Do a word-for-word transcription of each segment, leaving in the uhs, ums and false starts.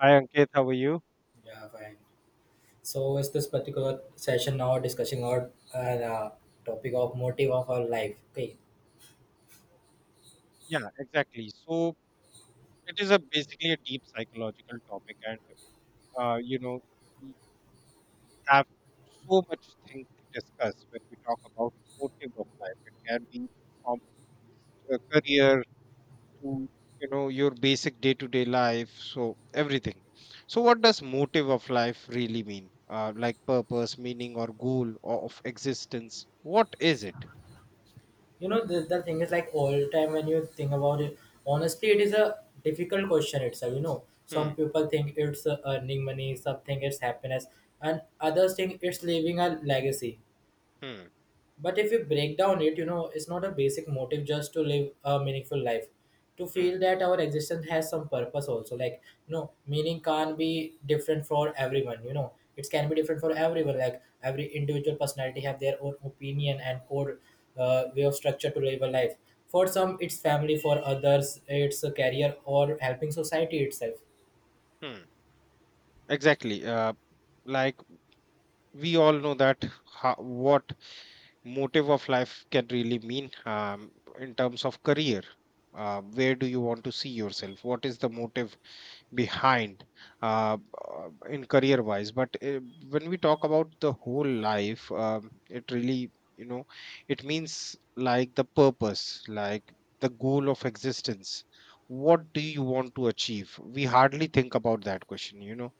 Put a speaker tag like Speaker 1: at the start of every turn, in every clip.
Speaker 1: Hi Ankit, how are you?
Speaker 2: Yeah, fine. So, is this particular session now discussing our uh, the topic of motive of our life? Okay,
Speaker 1: Yeah, exactly. So it is a basically a deep psychological topic, and uh, you know we have so much thing to discuss when we talk about motive of life. It can be from a career to you know your basic day-to-day life, so everything. So what does motive of life really mean? Uh, like purpose, meaning, or goal o- of existence? What is it?
Speaker 2: you know the, the thing is, like, all time when you think about it, honestly, it is a difficult question itself. You know, some
Speaker 1: Hmm.
Speaker 2: people think it's uh, earning money, some think it's happiness, and others think it's leaving a legacy.
Speaker 1: Hmm.
Speaker 2: But if you break down it, you know, it's not a basic motive just to live a meaningful life. To
Speaker 1: Hmm.
Speaker 2: feel that our existence has some purpose also. Like, you know, meaning can't be different for everyone, you know. It can be different for everyone. Like every individual personality have their own opinion and core uh, way of structure to live a life. For some, it's family. For others, it's a career or helping society itself.
Speaker 1: Hmm. Exactly. Uh, like we all know that ho- what motive of life can really mean um, in terms of career. Uh, where do you want to see yourself? What is the motive behind uh, uh, in career wise? But uh, when we talk about the whole life, um, it really, you know, it means like the purpose, like the goal of existence. What do you want to achieve? We hardly think about that question, you know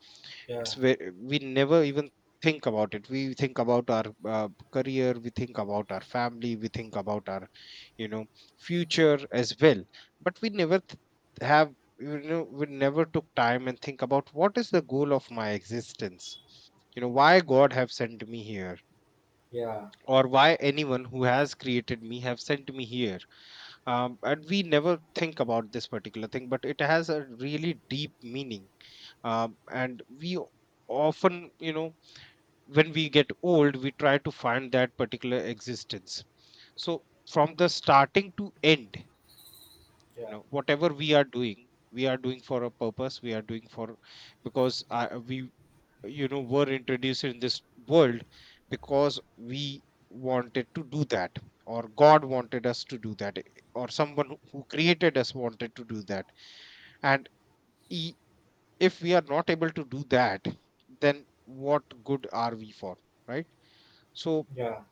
Speaker 2: Yeah,
Speaker 1: It's where we never even think about it. We think about our uh, career, we think about our family, we think about our you know future as well, but we never th- have you know we never took time and think about what is the goal of my existence. You know why God have sent me here,
Speaker 2: yeah,
Speaker 1: or why anyone who has created me have sent me here. Um, and we never think about this particular thing, but it has a really deep meaning. Um, and we often you know when we get old, we try to find that particular existence. So from the starting to end you
Speaker 2: yeah,
Speaker 1: know Whatever we are doing, we are doing for a purpose. We are doing for Because uh, we you know were introduced in this world, because we wanted to do that, or God wanted us to do that, eh, or someone who created us wanted to do that. And e, if we are not able to do that, then what good are we for, right? So
Speaker 2: yeah.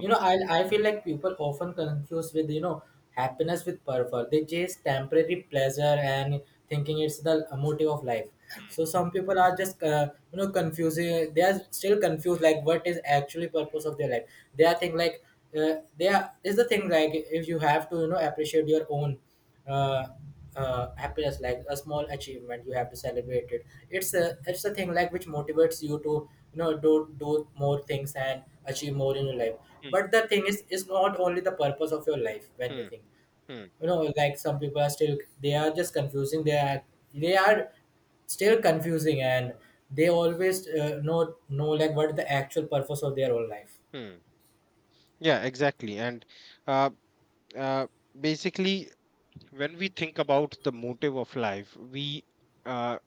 Speaker 2: You know, I I feel like people often confuse with, you know, happiness with purpose. They chase temporary pleasure and thinking it's the motive of life. So some people are just uh, you know, confusing. They are still confused like what is actually purpose of their life. They are think like uh, they are. Is the thing like, if you have to, you know, appreciate your own uh, uh, happiness, like a small achievement, you have to celebrate it. It's a, it's a thing like which motivates you to, you know, do do more things and achieve more in your life.
Speaker 1: hmm.
Speaker 2: But the thing is, it's not only the purpose of your life when you
Speaker 1: Hmm.
Speaker 2: think,
Speaker 1: Hmm.
Speaker 2: you know. Like some people are still, they are just confusing. They are they are still confusing, and they always uh, know know like what is the actual purpose of their own life.
Speaker 1: Hmm. Yeah, exactly. And uh, uh, basically when we think about the motive of life, we uh,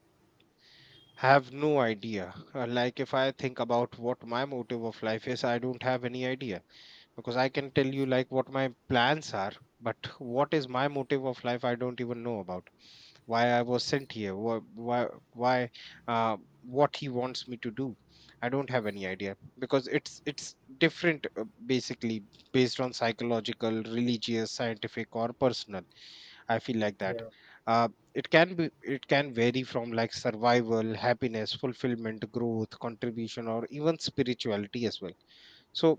Speaker 1: have no idea. Uh, like if I think about what my motive of life is, I don't have any idea. Because I can tell you like what my plans are, but what is my motive of life, I don't even know about. Why I was sent here, why why, why uh, what he wants me to do. I don't have any idea, because it's it's different, uh, basically based on psychological, religious, scientific, or personal. I feel like that.
Speaker 2: Yeah,
Speaker 1: Uh, it can be it can vary from like survival, happiness, fulfillment, growth, contribution, or even spirituality as well. So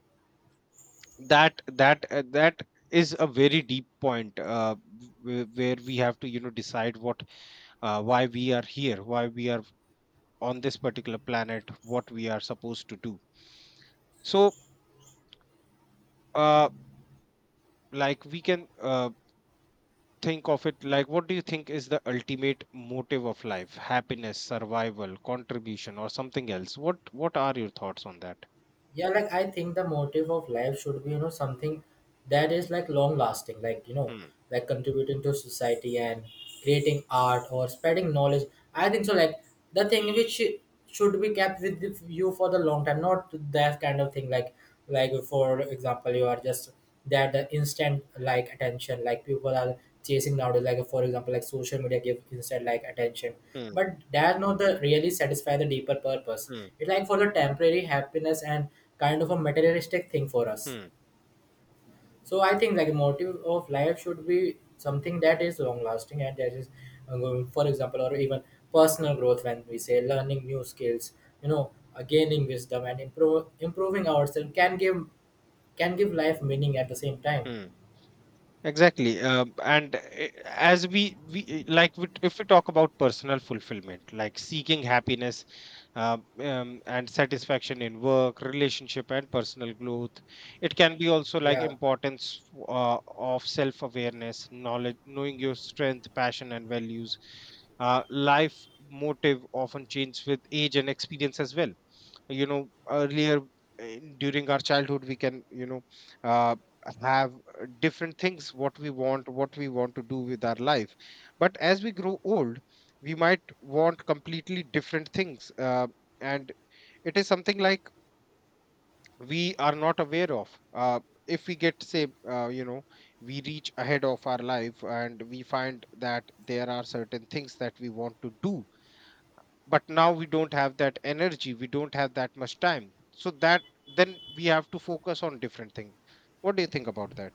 Speaker 1: that that uh, that is a very deep point, uh, w- where we have to you know decide what, uh, why we are here, why we are on this particular planet, what we are supposed to do. So, uh, like we can uh, think of it like, what do you think is the ultimate motive of life? Happiness, survival, contribution, or something else? What? What are your thoughts on that?
Speaker 2: yeah, like I think the motive of life should be, you know, something that is like long lasting, like, you know,
Speaker 1: Hmm.
Speaker 2: like contributing to society and creating art or spreading knowledge. I think so. Like the thing which should be kept with you for the long time, not that kind of thing, like like for example, you are just, that the instant like attention, like people are chasing nowadays. Like for example, like social media give instant like attention,
Speaker 1: Hmm.
Speaker 2: but that not the really satisfy the deeper purpose.
Speaker 1: Hmm.
Speaker 2: It's like for the temporary happiness and kind of a materialistic thing for us.
Speaker 1: Hmm.
Speaker 2: So I think like motive of life should be something that is long lasting and that is uh, going- for example, or even personal growth when we say learning new skills, you know, uh, gaining wisdom and improve improving ourselves can give, can give life meaning at the same time.
Speaker 1: Hmm. Exactly. Um, and uh, as we, we uh, like, we, if we talk about personal fulfillment, like seeking happiness, um, um, and satisfaction in work, relationship, and personal growth. It can be also like
Speaker 2: Yeah.
Speaker 1: importance uh, of self awareness, knowledge, knowing your strength, passion, and values. Uh, life motive often changes with age and experience as well you know earlier uh, during our childhood, we can you know uh, have uh, different things, what we want what we want to do with our life. But as we grow old, we might want completely different things, uh, and it is something like we are not aware of. Uh, if we get say uh, you know We reach ahead of our life, and we find that there are certain things that we want to do, but now we don't have that energy, we don't have that much time, so that then we have to focus on different thing. What do you think about that?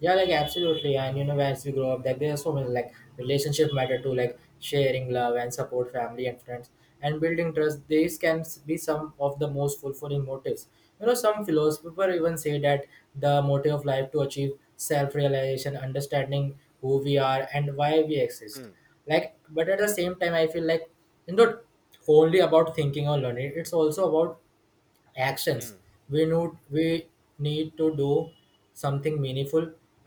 Speaker 2: Yeah, like absolutely. And you know, as we grow up, like there are so many, like, relationship matter too, like sharing love and support, family and friends, and building trust. These can s- be some of the most fulfilling motives. You know, some philosophers even say that the motive of life to achieve self-realization, understanding who we are and why we exist.
Speaker 1: Hmm,
Speaker 2: Like, but at the same time, I feel like it's not only about thinking or learning; it's also about actions.
Speaker 1: hmm,
Speaker 2: We need we need to do something meaningful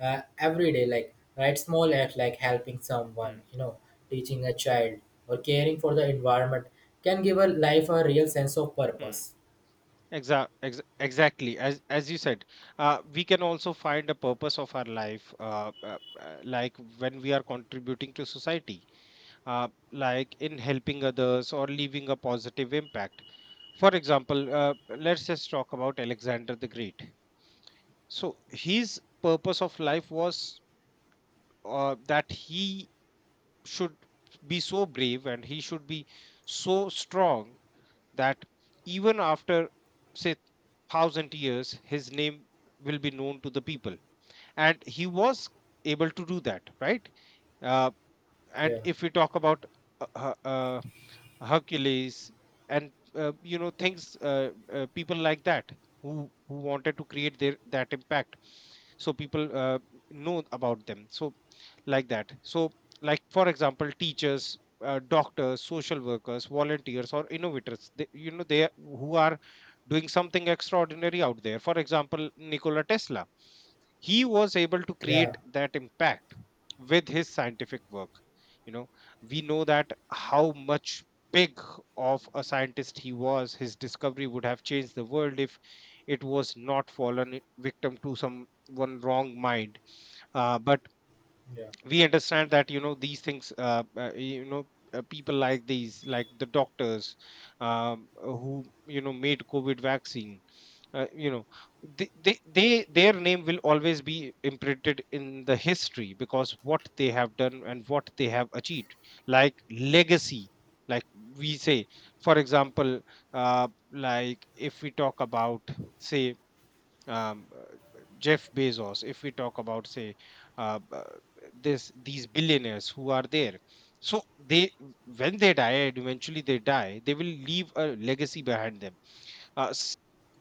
Speaker 2: uh, every day, like, right, small act like helping
Speaker 1: hmm,
Speaker 2: someone, you know, teaching a child or caring for the environment can give a life a real sense of purpose.
Speaker 1: hmm. Exa- ex- exactly as as you said uh, we can also find a purpose of our life uh, uh, uh, like when we are contributing to society uh, like in helping others or leaving a positive impact for example uh, let's just talk about alexander the great so his purpose of life was uh, that he should be so brave and he should be so strong that even after say thousand years his name will be known to the people and he was able to do that right uh,
Speaker 2: Yeah,
Speaker 1: and if we talk about uh, uh, uh, hercules and uh, you know things uh, uh, people like that who who wanted to create their that impact so people uh, know about them so like that so like for example teachers uh, doctors social workers volunteers or innovators they, you know they who are doing something extraordinary out there for example nikola tesla he was able to
Speaker 2: yeah,
Speaker 1: create that impact with his scientific work you know we know that how much big of a scientist he was his discovery would have changed the world if it was not fallen victim to some one wrong mind uh, but
Speaker 2: yeah,
Speaker 1: we understand that you know these things uh, uh, you know uh, people like these like the doctors um, who you know made covid vaccine uh, you know they, they they their name will always be imprinted in the history because what they have done and what they have achieved like legacy like we say for example uh, like if we talk about say um, uh, Jeff Bezos, if we talk about say uh, uh, this these billionaires who are there, so they when they die and eventually they die, they will leave a legacy behind them. Uh, s-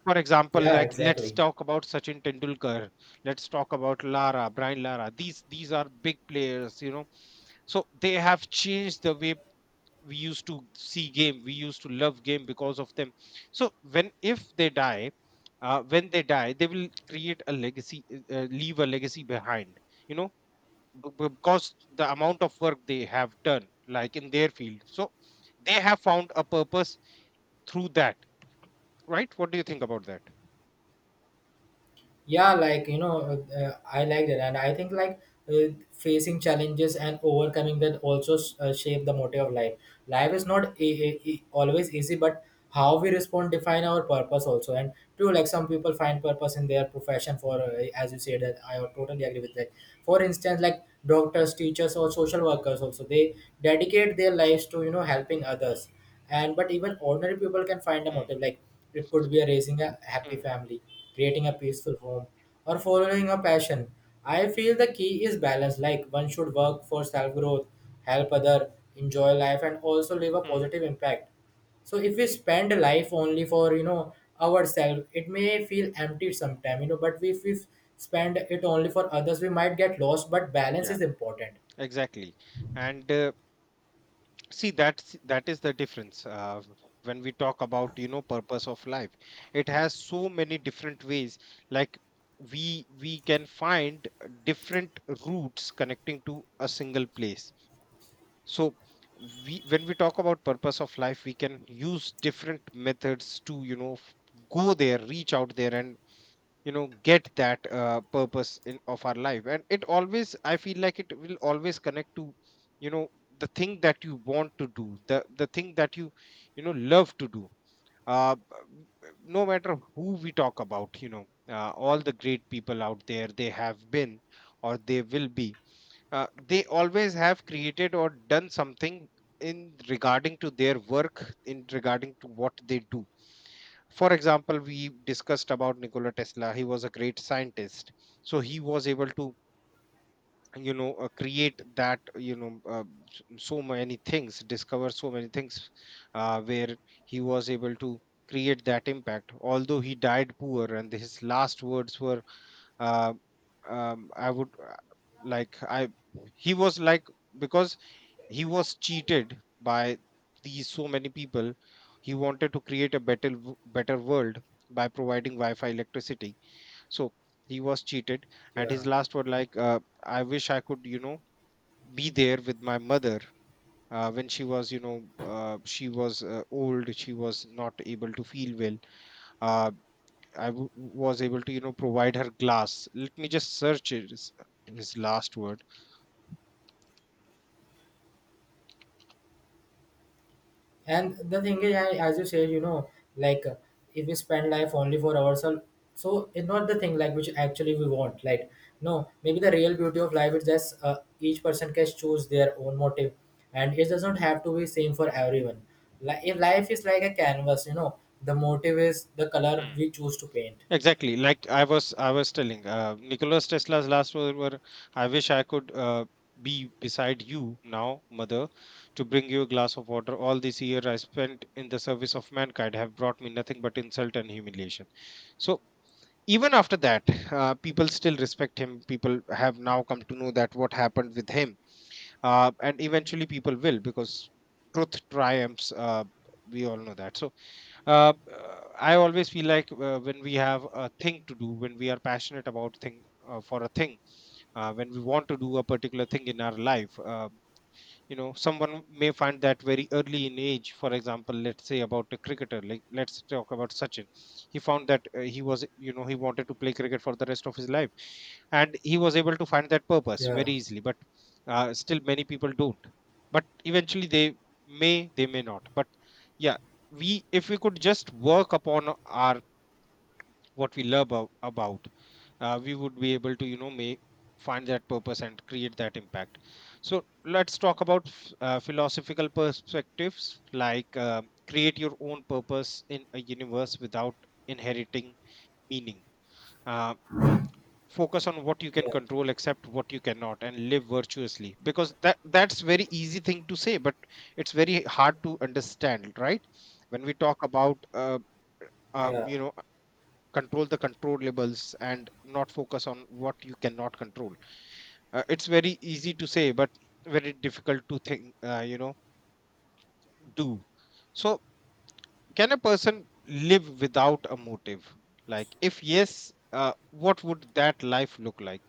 Speaker 1: for example,
Speaker 2: yeah,
Speaker 1: like let's
Speaker 2: exactly.
Speaker 1: talk about Sachin Tendulkar, let's talk about Lara, Brian Lara. These these are big players, you know. So they have changed the way we used to see game we used to love game because of them so when if they die uh, when they die they will create a legacy uh, uh, leave a legacy behind you know b- b- because the amount of work they have done like in their field so they have found a purpose through that right what do you think about that
Speaker 2: Yeah, like, you know, uh, uh, I like that, and I think like uh, facing challenges and overcoming that also s- uh, shape the motive of life. Life is not e- e- e- always easy, but how we respond define our purpose also. And true, like some people find purpose in their profession for, uh, as you said, that I totally agree with that. For instance, like doctors, teachers, or social workers also, they dedicate their lives to, you know, helping others. And but even ordinary people can find a
Speaker 1: Mm.
Speaker 2: motive, like it could be a raising a happy
Speaker 1: Mm.
Speaker 2: family, creating a peaceful home, or following a passion. I feel the key is balance. Like one should work for self growth, help other, enjoy life, and also leave a
Speaker 1: Mm.
Speaker 2: positive impact. So if we spend life only for, you know, ourselves, it may feel empty sometime, you know. But if we spend it only for others, we might get lost. But balance
Speaker 1: Yeah,
Speaker 2: is important.
Speaker 1: exactly. And uh, see, that's that is the difference. Uh, when we talk about, you know, purpose of life, it has so many different ways. Like we we can find different routes connecting to a single place. So we when we talk about purpose of life, we can use different methods to, you know, f- go there, reach out there, and you know get that uh, purpose in, of our life. And it always, I feel like it will always connect to you know the thing that you want to do, the the thing that you you know love to do. Uh, b- no matter who we talk about, you know uh, all the great people out there, they have been or they will be, uh, they always have created or done something in regarding to their work, in regarding to what they do. For example, we discussed about Nikola Tesla. He was a great scientist. So he was able to you know uh, create that, you know uh, s- so many things, discover so many things, uh, where he was able to create that impact, although he died poor. And his last words were, uh, um, I would, uh, like I, he was like, because he was cheated by these so many people. He wanted to create a better w- better world by providing Wi-Fi electricity. So he was cheated, and his
Speaker 2: Yeah.
Speaker 1: last word like, uh, I wish I could you know be there with my mother. Uh, when she was, you know, uh, she was uh, old. She was not able to feel well. Uh, I w- was able to, you know, provide her glass. Let me just search His, his last word.
Speaker 2: And the thing is, a- as you said, you know, like, uh, if we spend life only for ourselves, so it's not the thing like which actually we want. Like, no, maybe the real beauty of life is just, uh, each person can choose their own motive, and it doesn't have to be same for everyone. Like, if life is like a canvas, you know, the motive is the color
Speaker 1: Hmm.
Speaker 2: we choose to paint.
Speaker 1: Exactly. Like I was, I was telling, uh, Nicholas Tesla's last word were, "I wish I could uh, be beside you now, mother, to bring you a glass of water. All this year I spent in the service of mankind have brought me nothing but insult and humiliation." So even after that, uh, people still respect him. People have now come to know that what happened with him, uh, and eventually people will, because truth triumphs. Uh, we all know that. So uh, uh, I always feel like, uh, when we have a thing to do, when we are passionate about thing, uh, for a thing, uh, when we want to do a particular thing in our life, uh, you know, someone may find that very early in age. For example, let's say about a cricketer, like let's talk about Sachin. He found that uh, he was, you know, he wanted to play cricket for the rest of his life, and he was able to find that purpose
Speaker 2: Yeah,
Speaker 1: very easily. But uh, still many people don't, but eventually they may, they may not, but yeah, we, if we could just work upon our, what we love about, about uh, we would be able to, you know, make find that purpose and create that impact. So let's talk about f- uh, philosophical perspectives, like, uh, create your own purpose in a universe without inheriting meaning. uh, Focus on what you can
Speaker 2: yeah,
Speaker 1: control, accept what you cannot, and live virtuously, because that that's very easy thing to say, but it's very hard to understand, right? When we talk about uh,
Speaker 2: yeah.
Speaker 1: um, you know, control the controllables and not focus on what you cannot control. Uh, it's very easy to say, but very difficult to think, uh, you know, do. So, can a person live without a motive? Like if yes, uh, what would that life look like?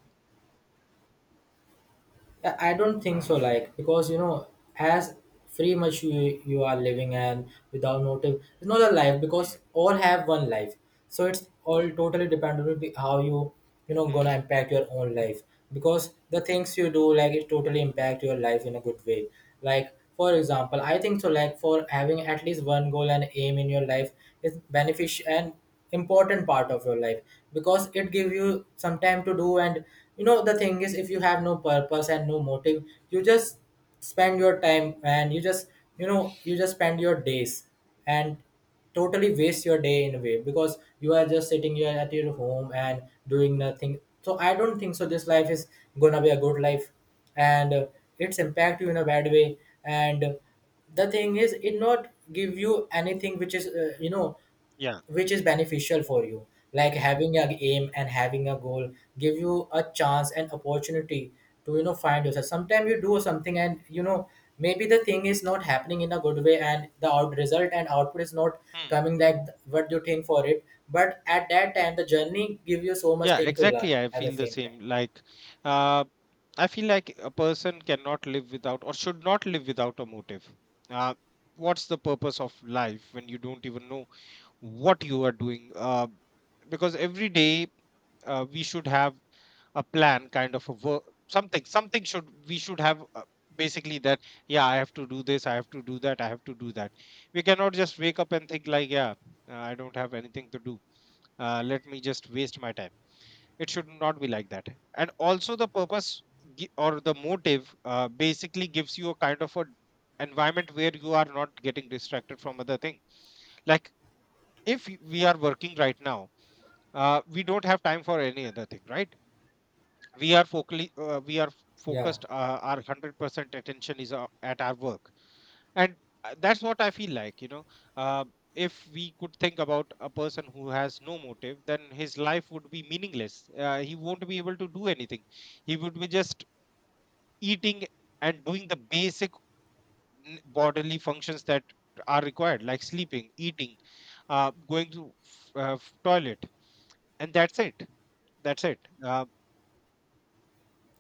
Speaker 2: Yeah, I don't think so. Like, because you know, as free much you, you are living and without motive, it's not a life because
Speaker 1: Hmm,
Speaker 2: all have one life. So it's all totally dependent on the-, how you, you know,
Speaker 1: hmm,
Speaker 2: gonna impact your own life, because the things you do, like, it totally
Speaker 1: hmm.
Speaker 2: impact your life in a good way. Like for example, I think so. Like for having at least one goal and aim in your life is beneficial and important part of your life, because it give you some time to do. And you know the thing is, if you have no purpose and no motive, you just spend your time, and you just, you know, you just spend your days and totally waste your day in a way, because you are just sitting here at your home and doing nothing. So I don't think so this life is gonna be a good life. And uh, it's impact you in a bad way. And uh, the thing is, it not give you anything which is, uh, you know,
Speaker 1: Yeah.
Speaker 2: which is beneficial for you. Like having a aim and having a goal give you a chance and opportunity to, you know, find yourself. Sometimes you do something, and, you know, maybe the thing is not happening in a good way, and the out result and output is not
Speaker 1: Hmm.
Speaker 2: coming like th- what you think for it. But at that time, the journey give you so much
Speaker 1: Yeah,
Speaker 2: thing to
Speaker 1: exactly,
Speaker 2: learn
Speaker 1: I
Speaker 2: at the
Speaker 1: feel the
Speaker 2: same
Speaker 1: same,
Speaker 2: time.
Speaker 1: like, uh, I feel like a person cannot live without, or should not live without, a motive. uh, what's the purpose of life when you don't even know what you are doing? Uh, because every day, uh, we should have a plan, kind of a work, something something should, we should have, uh, basically that, yeah, I have to do this, I have to do that, I have to do that. We cannot just wake up and think like, yeah, uh, I don't have anything to do, uh, let me just waste my time. It should not be like that. And also the purpose, gi- or the motive, uh, basically gives you a kind of a environment where you are not getting distracted from other thing. Like, if we are working right now, uh, we don't have time for any other thing, right? We are focally uh, we are
Speaker 2: Yeah,
Speaker 1: focused, uh, our one hundred percent attention is uh, at our work. And uh, that's what I feel like, you know. uh, if we could think about a person who has no motive, then his life would be meaningless. Uh, he won't be able to do anything. He would be just eating and doing the basic n- bodily functions that are required, like sleeping, eating, uh, going to f- uh, f- toilet, and that's it. That's it. uh,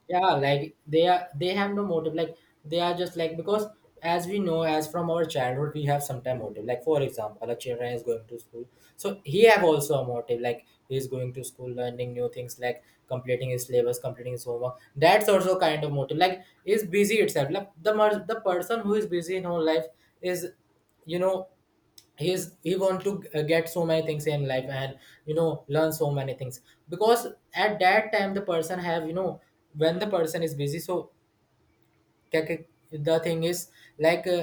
Speaker 2: yeah, like they are, they have no motive. Like they are just like, because as we know, as from our childhood, we have some time motive. Like for
Speaker 1: Mm,
Speaker 2: example, a children is going to school, so he have also a motive, like he is going to school, learning new things, like completing his syllabus, completing his homework. That's also kind of motive. Like is busy itself, like the mer- the person who is busy in whole life is, you know, he's, he want to uh, get so many things in life and, you know, learn so many things. Because at that time, the person have, you know, when the
Speaker 1: mm,
Speaker 2: person is busy, so क्या- क्या- the thing is like, uh,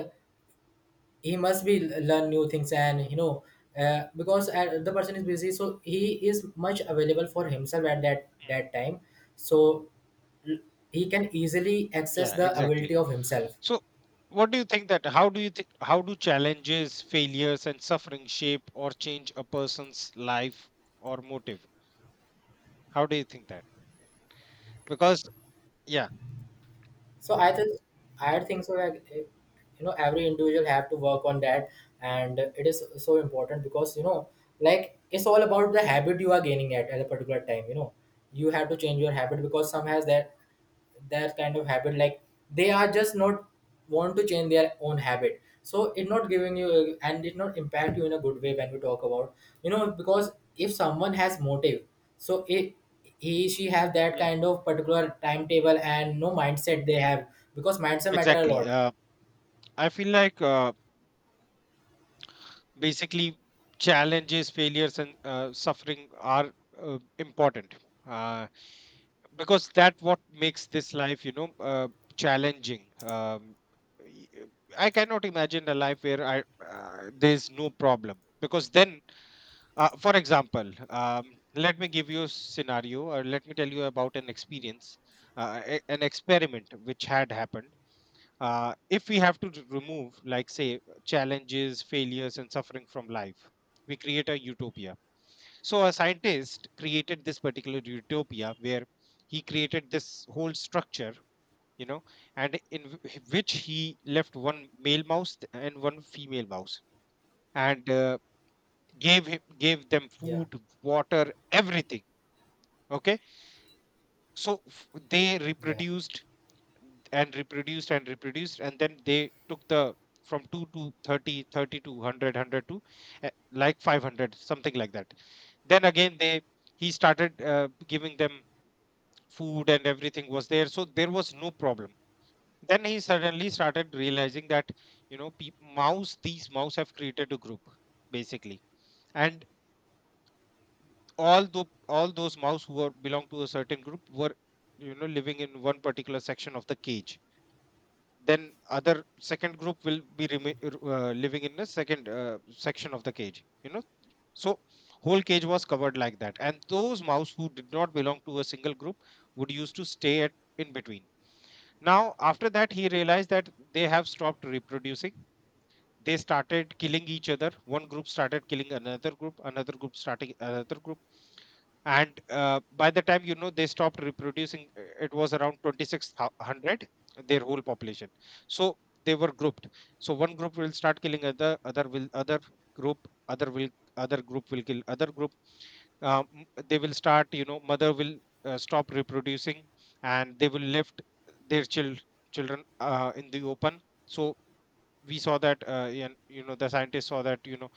Speaker 2: he must be learn new things. And you know, uh, because uh, the person is busy, so he is much available for himself at that
Speaker 1: mm.
Speaker 2: that time. So he can easily access
Speaker 1: Yeah,
Speaker 2: the ability
Speaker 1: exactly.
Speaker 2: of himself.
Speaker 1: So, what do you think, that how do you think, how do challenges, failures, and suffering shape or change a person's life, or motive? How do you think that? Because, yeah.
Speaker 2: So I think, I think so like, eh, you know, every individual have to work on that, and it is so important because, you know, like, it's all about the
Speaker 1: Mm,
Speaker 2: habit you are gaining at, at a particular time, you know. You have to change your habit, because some has that, their kind of habit, like they are just not want to change their own habit, so it not giving you uh, and it not impact you in a good way when we talk about, you know. Because if someone has motive, so it, he, she have that
Speaker 1: mm,
Speaker 2: kind of particular timetable and no mindset they
Speaker 1: mm.
Speaker 2: have. Because mindset matter a
Speaker 1: Exactly.
Speaker 2: lot.
Speaker 1: uh, I feel like, uh, basically, challenges, failures, and uh, suffering are uh, important, uh, because that what makes this life, you know, uh, challenging. um, y- I cannot imagine a life where I uh, there's no problem, because then, uh, for example, um, let me give you a scenario, or let me tell you about an experience, uh, a- an experiment which had happened. Uh, if we have to r- remove, like, say, challenges, failures, and suffering from life, we create a utopia. So, a scientist created this particular utopia where he created this whole structure, you know, and in w- which he left one male mouse, th- and one female mouse, and uh, gave him, gave them
Speaker 2: Yeah,
Speaker 1: food, water, everything. Okay, so f- they
Speaker 2: yeah,
Speaker 1: reproduced and reproduced and reproduced, and then they took the from two to thirty, thirty to one hundred to, uh, like, five hundred, something like that. Then again, they he started uh, giving them food, and everything was there, so there was no problem. Then he suddenly started realizing that, you know, peop mouse, these mouse have created a group, basically, and all the all those mouse who were belong to a certain group were, you know, living in one particular section of the cage. Then other second group will be remi-
Speaker 2: yeah,
Speaker 1: r- uh, living in the second uh, section of the cage, you know. So whole cage was covered like that, and those mouse who did not belong to a single group would used to stay at in between. Now, after that, he realized that they have stopped reproducing. They started killing each other, one group started killing another group, another group starting another group. And uh, by the time, you know, they stopped reproducing, uh, it was around twenty-six hundred, their whole population. So they were grouped, so one group will start killing other, other will other group other will other group will kill other group. Um, m- they will start, you know, mother will uh, stop reproducing, and they will left their chil- children uh, in the open. So we saw that, uh, and you know, the scientists saw that, you know,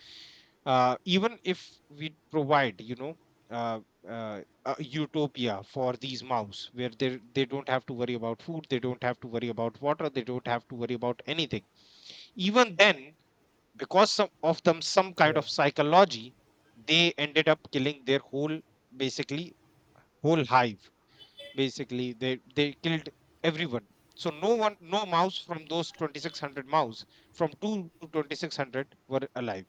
Speaker 1: uh, even if we provide, you know, uh, uh, a utopia for these mouse where they they don't have to worry about food, they don't have to worry about water, they don't have to worry about anything, even then, because some of them, some kind
Speaker 2: yeah,
Speaker 1: of psychology, they ended up killing their whole, basically whole hive. Basically, they they killed everyone. So no one, no mouse from those twenty-six hundred mouse, from two to twenty-six hundred were alive.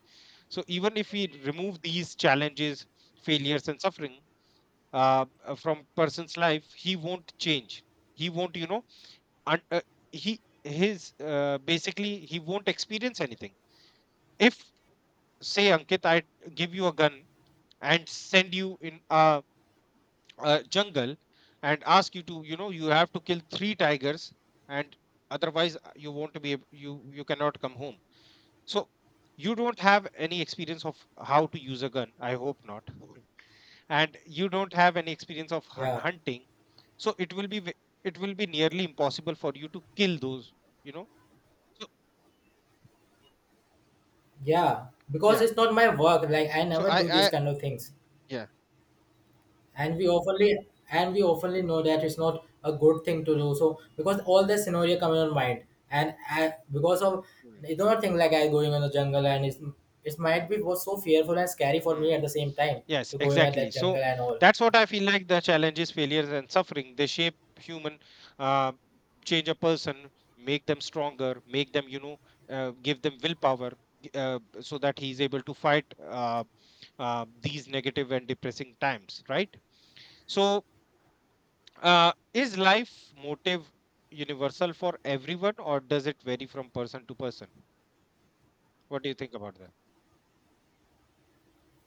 Speaker 1: So even if we remove these challenges, failures, and suffering, uh, uh, from person's life, he won't change. He won't, you know, un- uh, he his uh, basically, he won't experience anything. If, say, Ankit, I give you a gun and send you in a, a jungle, and ask you to, you know, you have to kill three tigers, and otherwise, uh, you won't be ab- you you cannot come home. So you don't have any experience of how to use a gun. I hope not. And you don't have any experience of hu-
Speaker 2: yeah,
Speaker 1: hunting, so it will be ve- it will be nearly impossible for you to kill those, you know. So,
Speaker 2: yeah. Because
Speaker 1: yeah.
Speaker 2: it's not my work, like I
Speaker 1: So
Speaker 2: never
Speaker 1: i
Speaker 2: do these
Speaker 1: i
Speaker 2: kind of things.
Speaker 1: yeah.
Speaker 2: and we oftenly and we oftenly know that it's not a good thing to
Speaker 1: Mm,
Speaker 2: do so, because all the scenario come in mind. And I, because of,
Speaker 1: mm,
Speaker 2: it's not a thing like I going in the jungle, and it's, it might
Speaker 1: mm,
Speaker 2: be was so fearful and scary for me
Speaker 1: mm.
Speaker 2: at the same time.
Speaker 1: Yes,
Speaker 2: To going at
Speaker 1: exactly.
Speaker 2: that jungle
Speaker 1: So
Speaker 2: and all.
Speaker 1: that's what I feel like, the challenges, failures, and suffering, they shape human, uh, change a person, make them stronger, make them, you know, uh, give them willpower, g- uh, so that he's able to fight uh, uh, these negative and depressing times, right? So, Uh, is life motive universal for everyone, or does it vary from person to person? What do you think about that?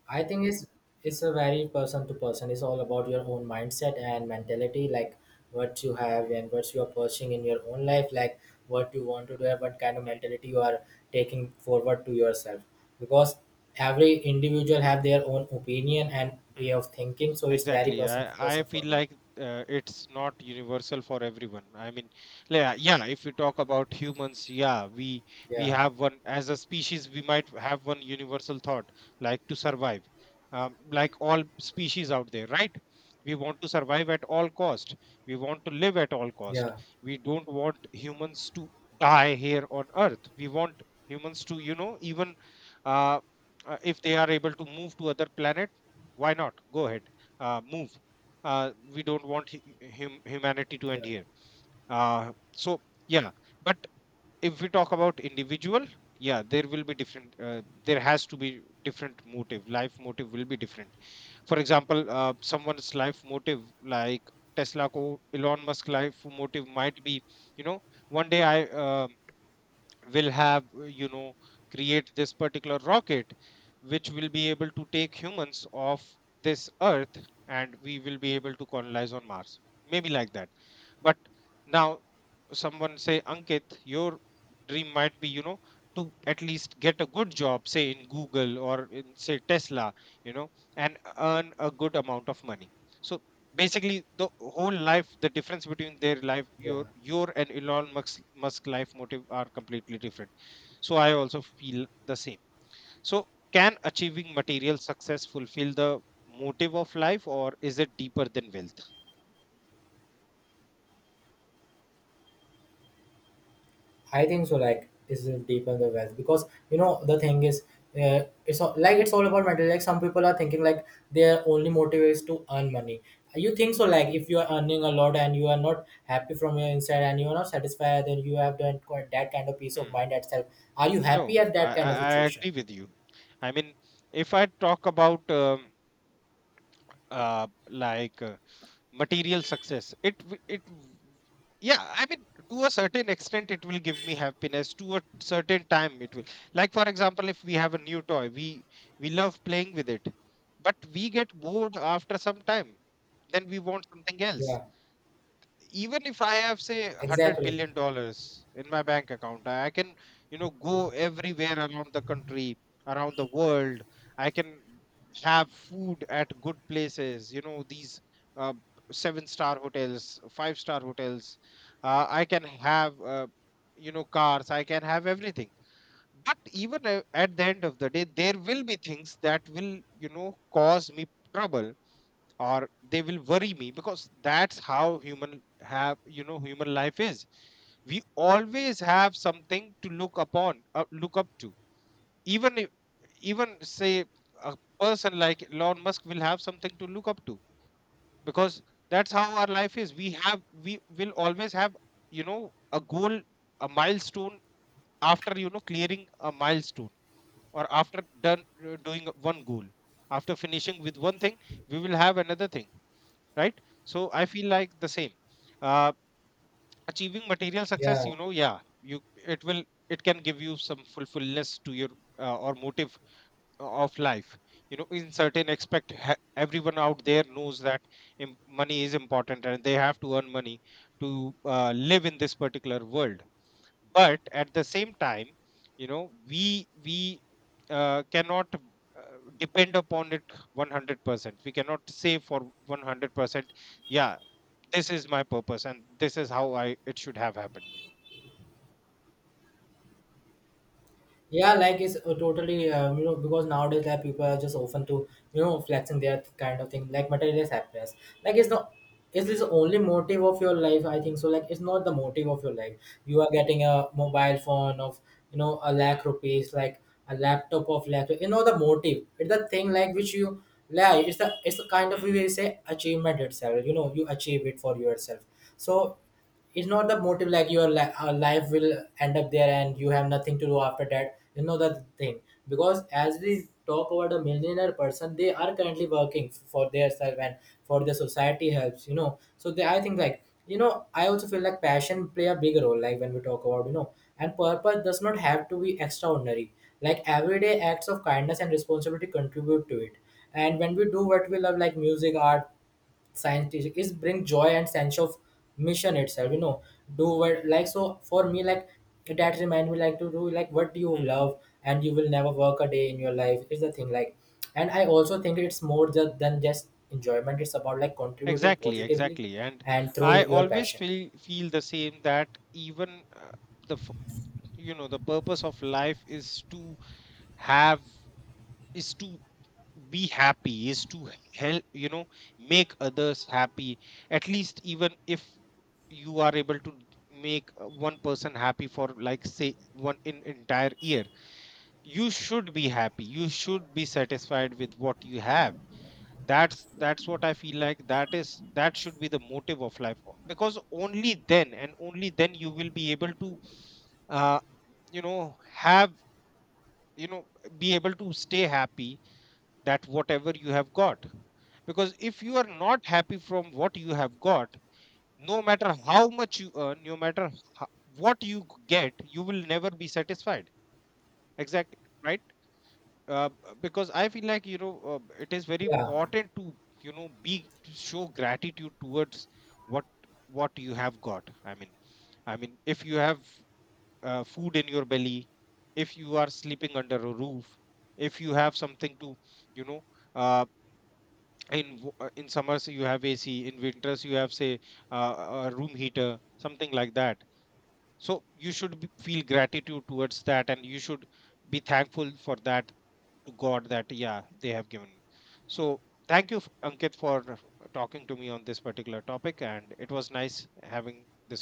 Speaker 2: I think it's it's a very person to person. It's all about your own mindset and mentality, like what you have and what you are pursuing in your own life, like what you want to do and what kind of mentality you are taking forward to yourself. Because every individual have their own opinion and way of thinking, so it's very
Speaker 1: Exactly.
Speaker 2: person to
Speaker 1: I, I
Speaker 2: person for
Speaker 1: feel
Speaker 2: me.
Speaker 1: like, uh, it's not universal for everyone. I mean, yeah, yeah, if we talk about humans, yeah, we we
Speaker 2: Yeah,
Speaker 1: have one as a species, we might have one universal thought, like, to survive. Um, like all species out there, right? We want to survive at all cost. We want to live at all cost.
Speaker 2: yeah,
Speaker 1: We don't want humans to die here on Earth. We want humans to, you know, even uh, uh, if they are able to move to other planet, why not? Go ahead, uh, move. Uh, we don't want hu- hum- humanity to
Speaker 2: yeah,
Speaker 1: end here. Uh, so, yeah. But if we talk about individual, yeah, there will be different. Uh, there has to be different motive. Life motive will be different. For example, uh, someone's life motive, like Tesla, ko Elon Musk, life motive might be, you know, one day I uh, will have, uh, you know, create this particular rocket which will be able to take humans off this Earth, and we will be able to colonize on Mars, maybe, like that. But now, someone say, Ankit, your dream might be, you know, to at least get a good job, say in Google, or in, say, Tesla, you know, and earn a good amount of money. So basically the whole life, the difference between their life,
Speaker 2: yeah.
Speaker 1: your your and Elon musk musk life motive, are completely different. So I also feel the same. So, can achieving material success fulfill the motive of life, or is it deeper than wealth?
Speaker 2: I think so. Like is deep in the wealth, because you know the thing is, uh, it's all, like, it's all about money. Like some people are thinking like their only motive is to earn money. You think so? Like, if you are earning a lot and you are not happy from your inside and you are not satisfied, then you have done quite that kind of peace of
Speaker 1: Hmm.
Speaker 2: mind itself. Are you happy
Speaker 1: No,
Speaker 2: at
Speaker 1: I,
Speaker 2: that
Speaker 1: I
Speaker 2: kind of
Speaker 1: i
Speaker 2: situation?
Speaker 1: agree with you. I mean, if I talk about um, uh, like, uh, material success, it w- it w- yeah, I mean, to a certain extent it will give me happiness. To a certain time it will, like, for example, if we have a new toy, we we love playing with it, but we get bored after some time, then we want something else.
Speaker 2: Yeah,
Speaker 1: Even if I have, say, 100
Speaker 2: exactly.
Speaker 1: billion dollars in my bank account, I I can, you know, go everywhere around the country, around the world. I can have food at good places, you know, these uh, seven star hotels, five star hotels. Uh, I can have, uh, you know, cars. I can have everything. But even a- at the end of the day, there will be things that will, you know, cause me trouble, or they will worry me, because that's how human have, you know, human life is, we always have something to look upon, uh, look up to. Even if, even, say, a person like Elon Musk will have something to look up to, because that's how our life is. We have we will always have, you know, a goal, a milestone. After, you know, clearing a milestone, or after done uh, doing one goal, after finishing with one thing, we will have another thing, right? So I feel like the same, uh, achieving material success,
Speaker 2: Yeah.
Speaker 1: you know, yeah. You, it will, it can give you some fulfillness to your, uh, or motive of life, you know, in certain aspect. Ha- everyone out there knows that im- money is important, and they have to earn money to uh, live in this particular world. But at the same time, you know, we we uh, cannot uh, depend upon it one hundred percent. We cannot say for one hundred percent, yeah, this is my purpose and this is how I, it should have happened.
Speaker 2: Yeah, like it's uh, totally, uh, you know, because nowadays like people are just often to, you know, flexing their kind of thing like materialist happiness. Like, it's not, it's this
Speaker 1: Hmm,
Speaker 2: only motive of your life. I think so. Like, it's not the motive of your life. You are getting a mobile phone of, you know, a lakh
Speaker 1: hmm,
Speaker 2: rupees, like a laptop of lakh. You know the motive. It's the thing like which you like. It's the, it's the kind of,
Speaker 1: hmm.
Speaker 2: we will say achievement itself. You know, you achieve it for yourself. So it's not the motive like your li- uh, life will end up there and you have nothing to do after that, you know, that thing. Because as we talk about the millionaire person, they are currently working for their self and for the society helps, you know. So they, I think like, you know, I also feel like passion play a big role. Like when we talk about, you know, and purpose does not have to be extraordinary, like everyday acts of kindness and responsibility contribute to it. And when we do what we love, like music, art, scientific is bring joy and sense of mission itself, you know. Do what, like, so for me, like that remind me, like, to do like what you love and you will never work a day in your life is the thing like. And I also think it's more ju- than just enjoyment, it's about like contributing
Speaker 1: Exactly,
Speaker 2: positively
Speaker 1: exactly. And
Speaker 2: and through
Speaker 1: I
Speaker 2: your
Speaker 1: always
Speaker 2: passion.
Speaker 1: feel, feel the same, that even, uh, the f- you know, the purpose of life is to have, is to be happy, is to help, you know, make others happy. At least, even if you are able to make, uh, one person happy for like, say, one in entire year, you should be happy, you should be satisfied with what you have. that's that's what I feel like, that is, that should be the motive of life, o- because only then, and only then, you will be able to, uh, you know, have, you know, be able to stay happy, that whatever you have got. Because if you are not happy from what you have got, no matter how much you earn, no matter ho- what you g- get, you will never be satisfied. Exactly, right? uh, because I feel like, you know, uh, it is very
Speaker 2: Yeah.
Speaker 1: important to, you know, be, to show gratitude towards what what you have got. I mean, I mean, if you have, uh, food in your belly, if you are sleeping under a roof, if you have something to, you know, uh, in w- uh, in summers you have A C, in winters you have, say, uh, a room heater, something like that. So you should be, feel gratitude towards that, and you should be thankful for that to God, that yeah, they have given me. So, thank you, Ankit, for talking to me on this particular topic, and it was nice having this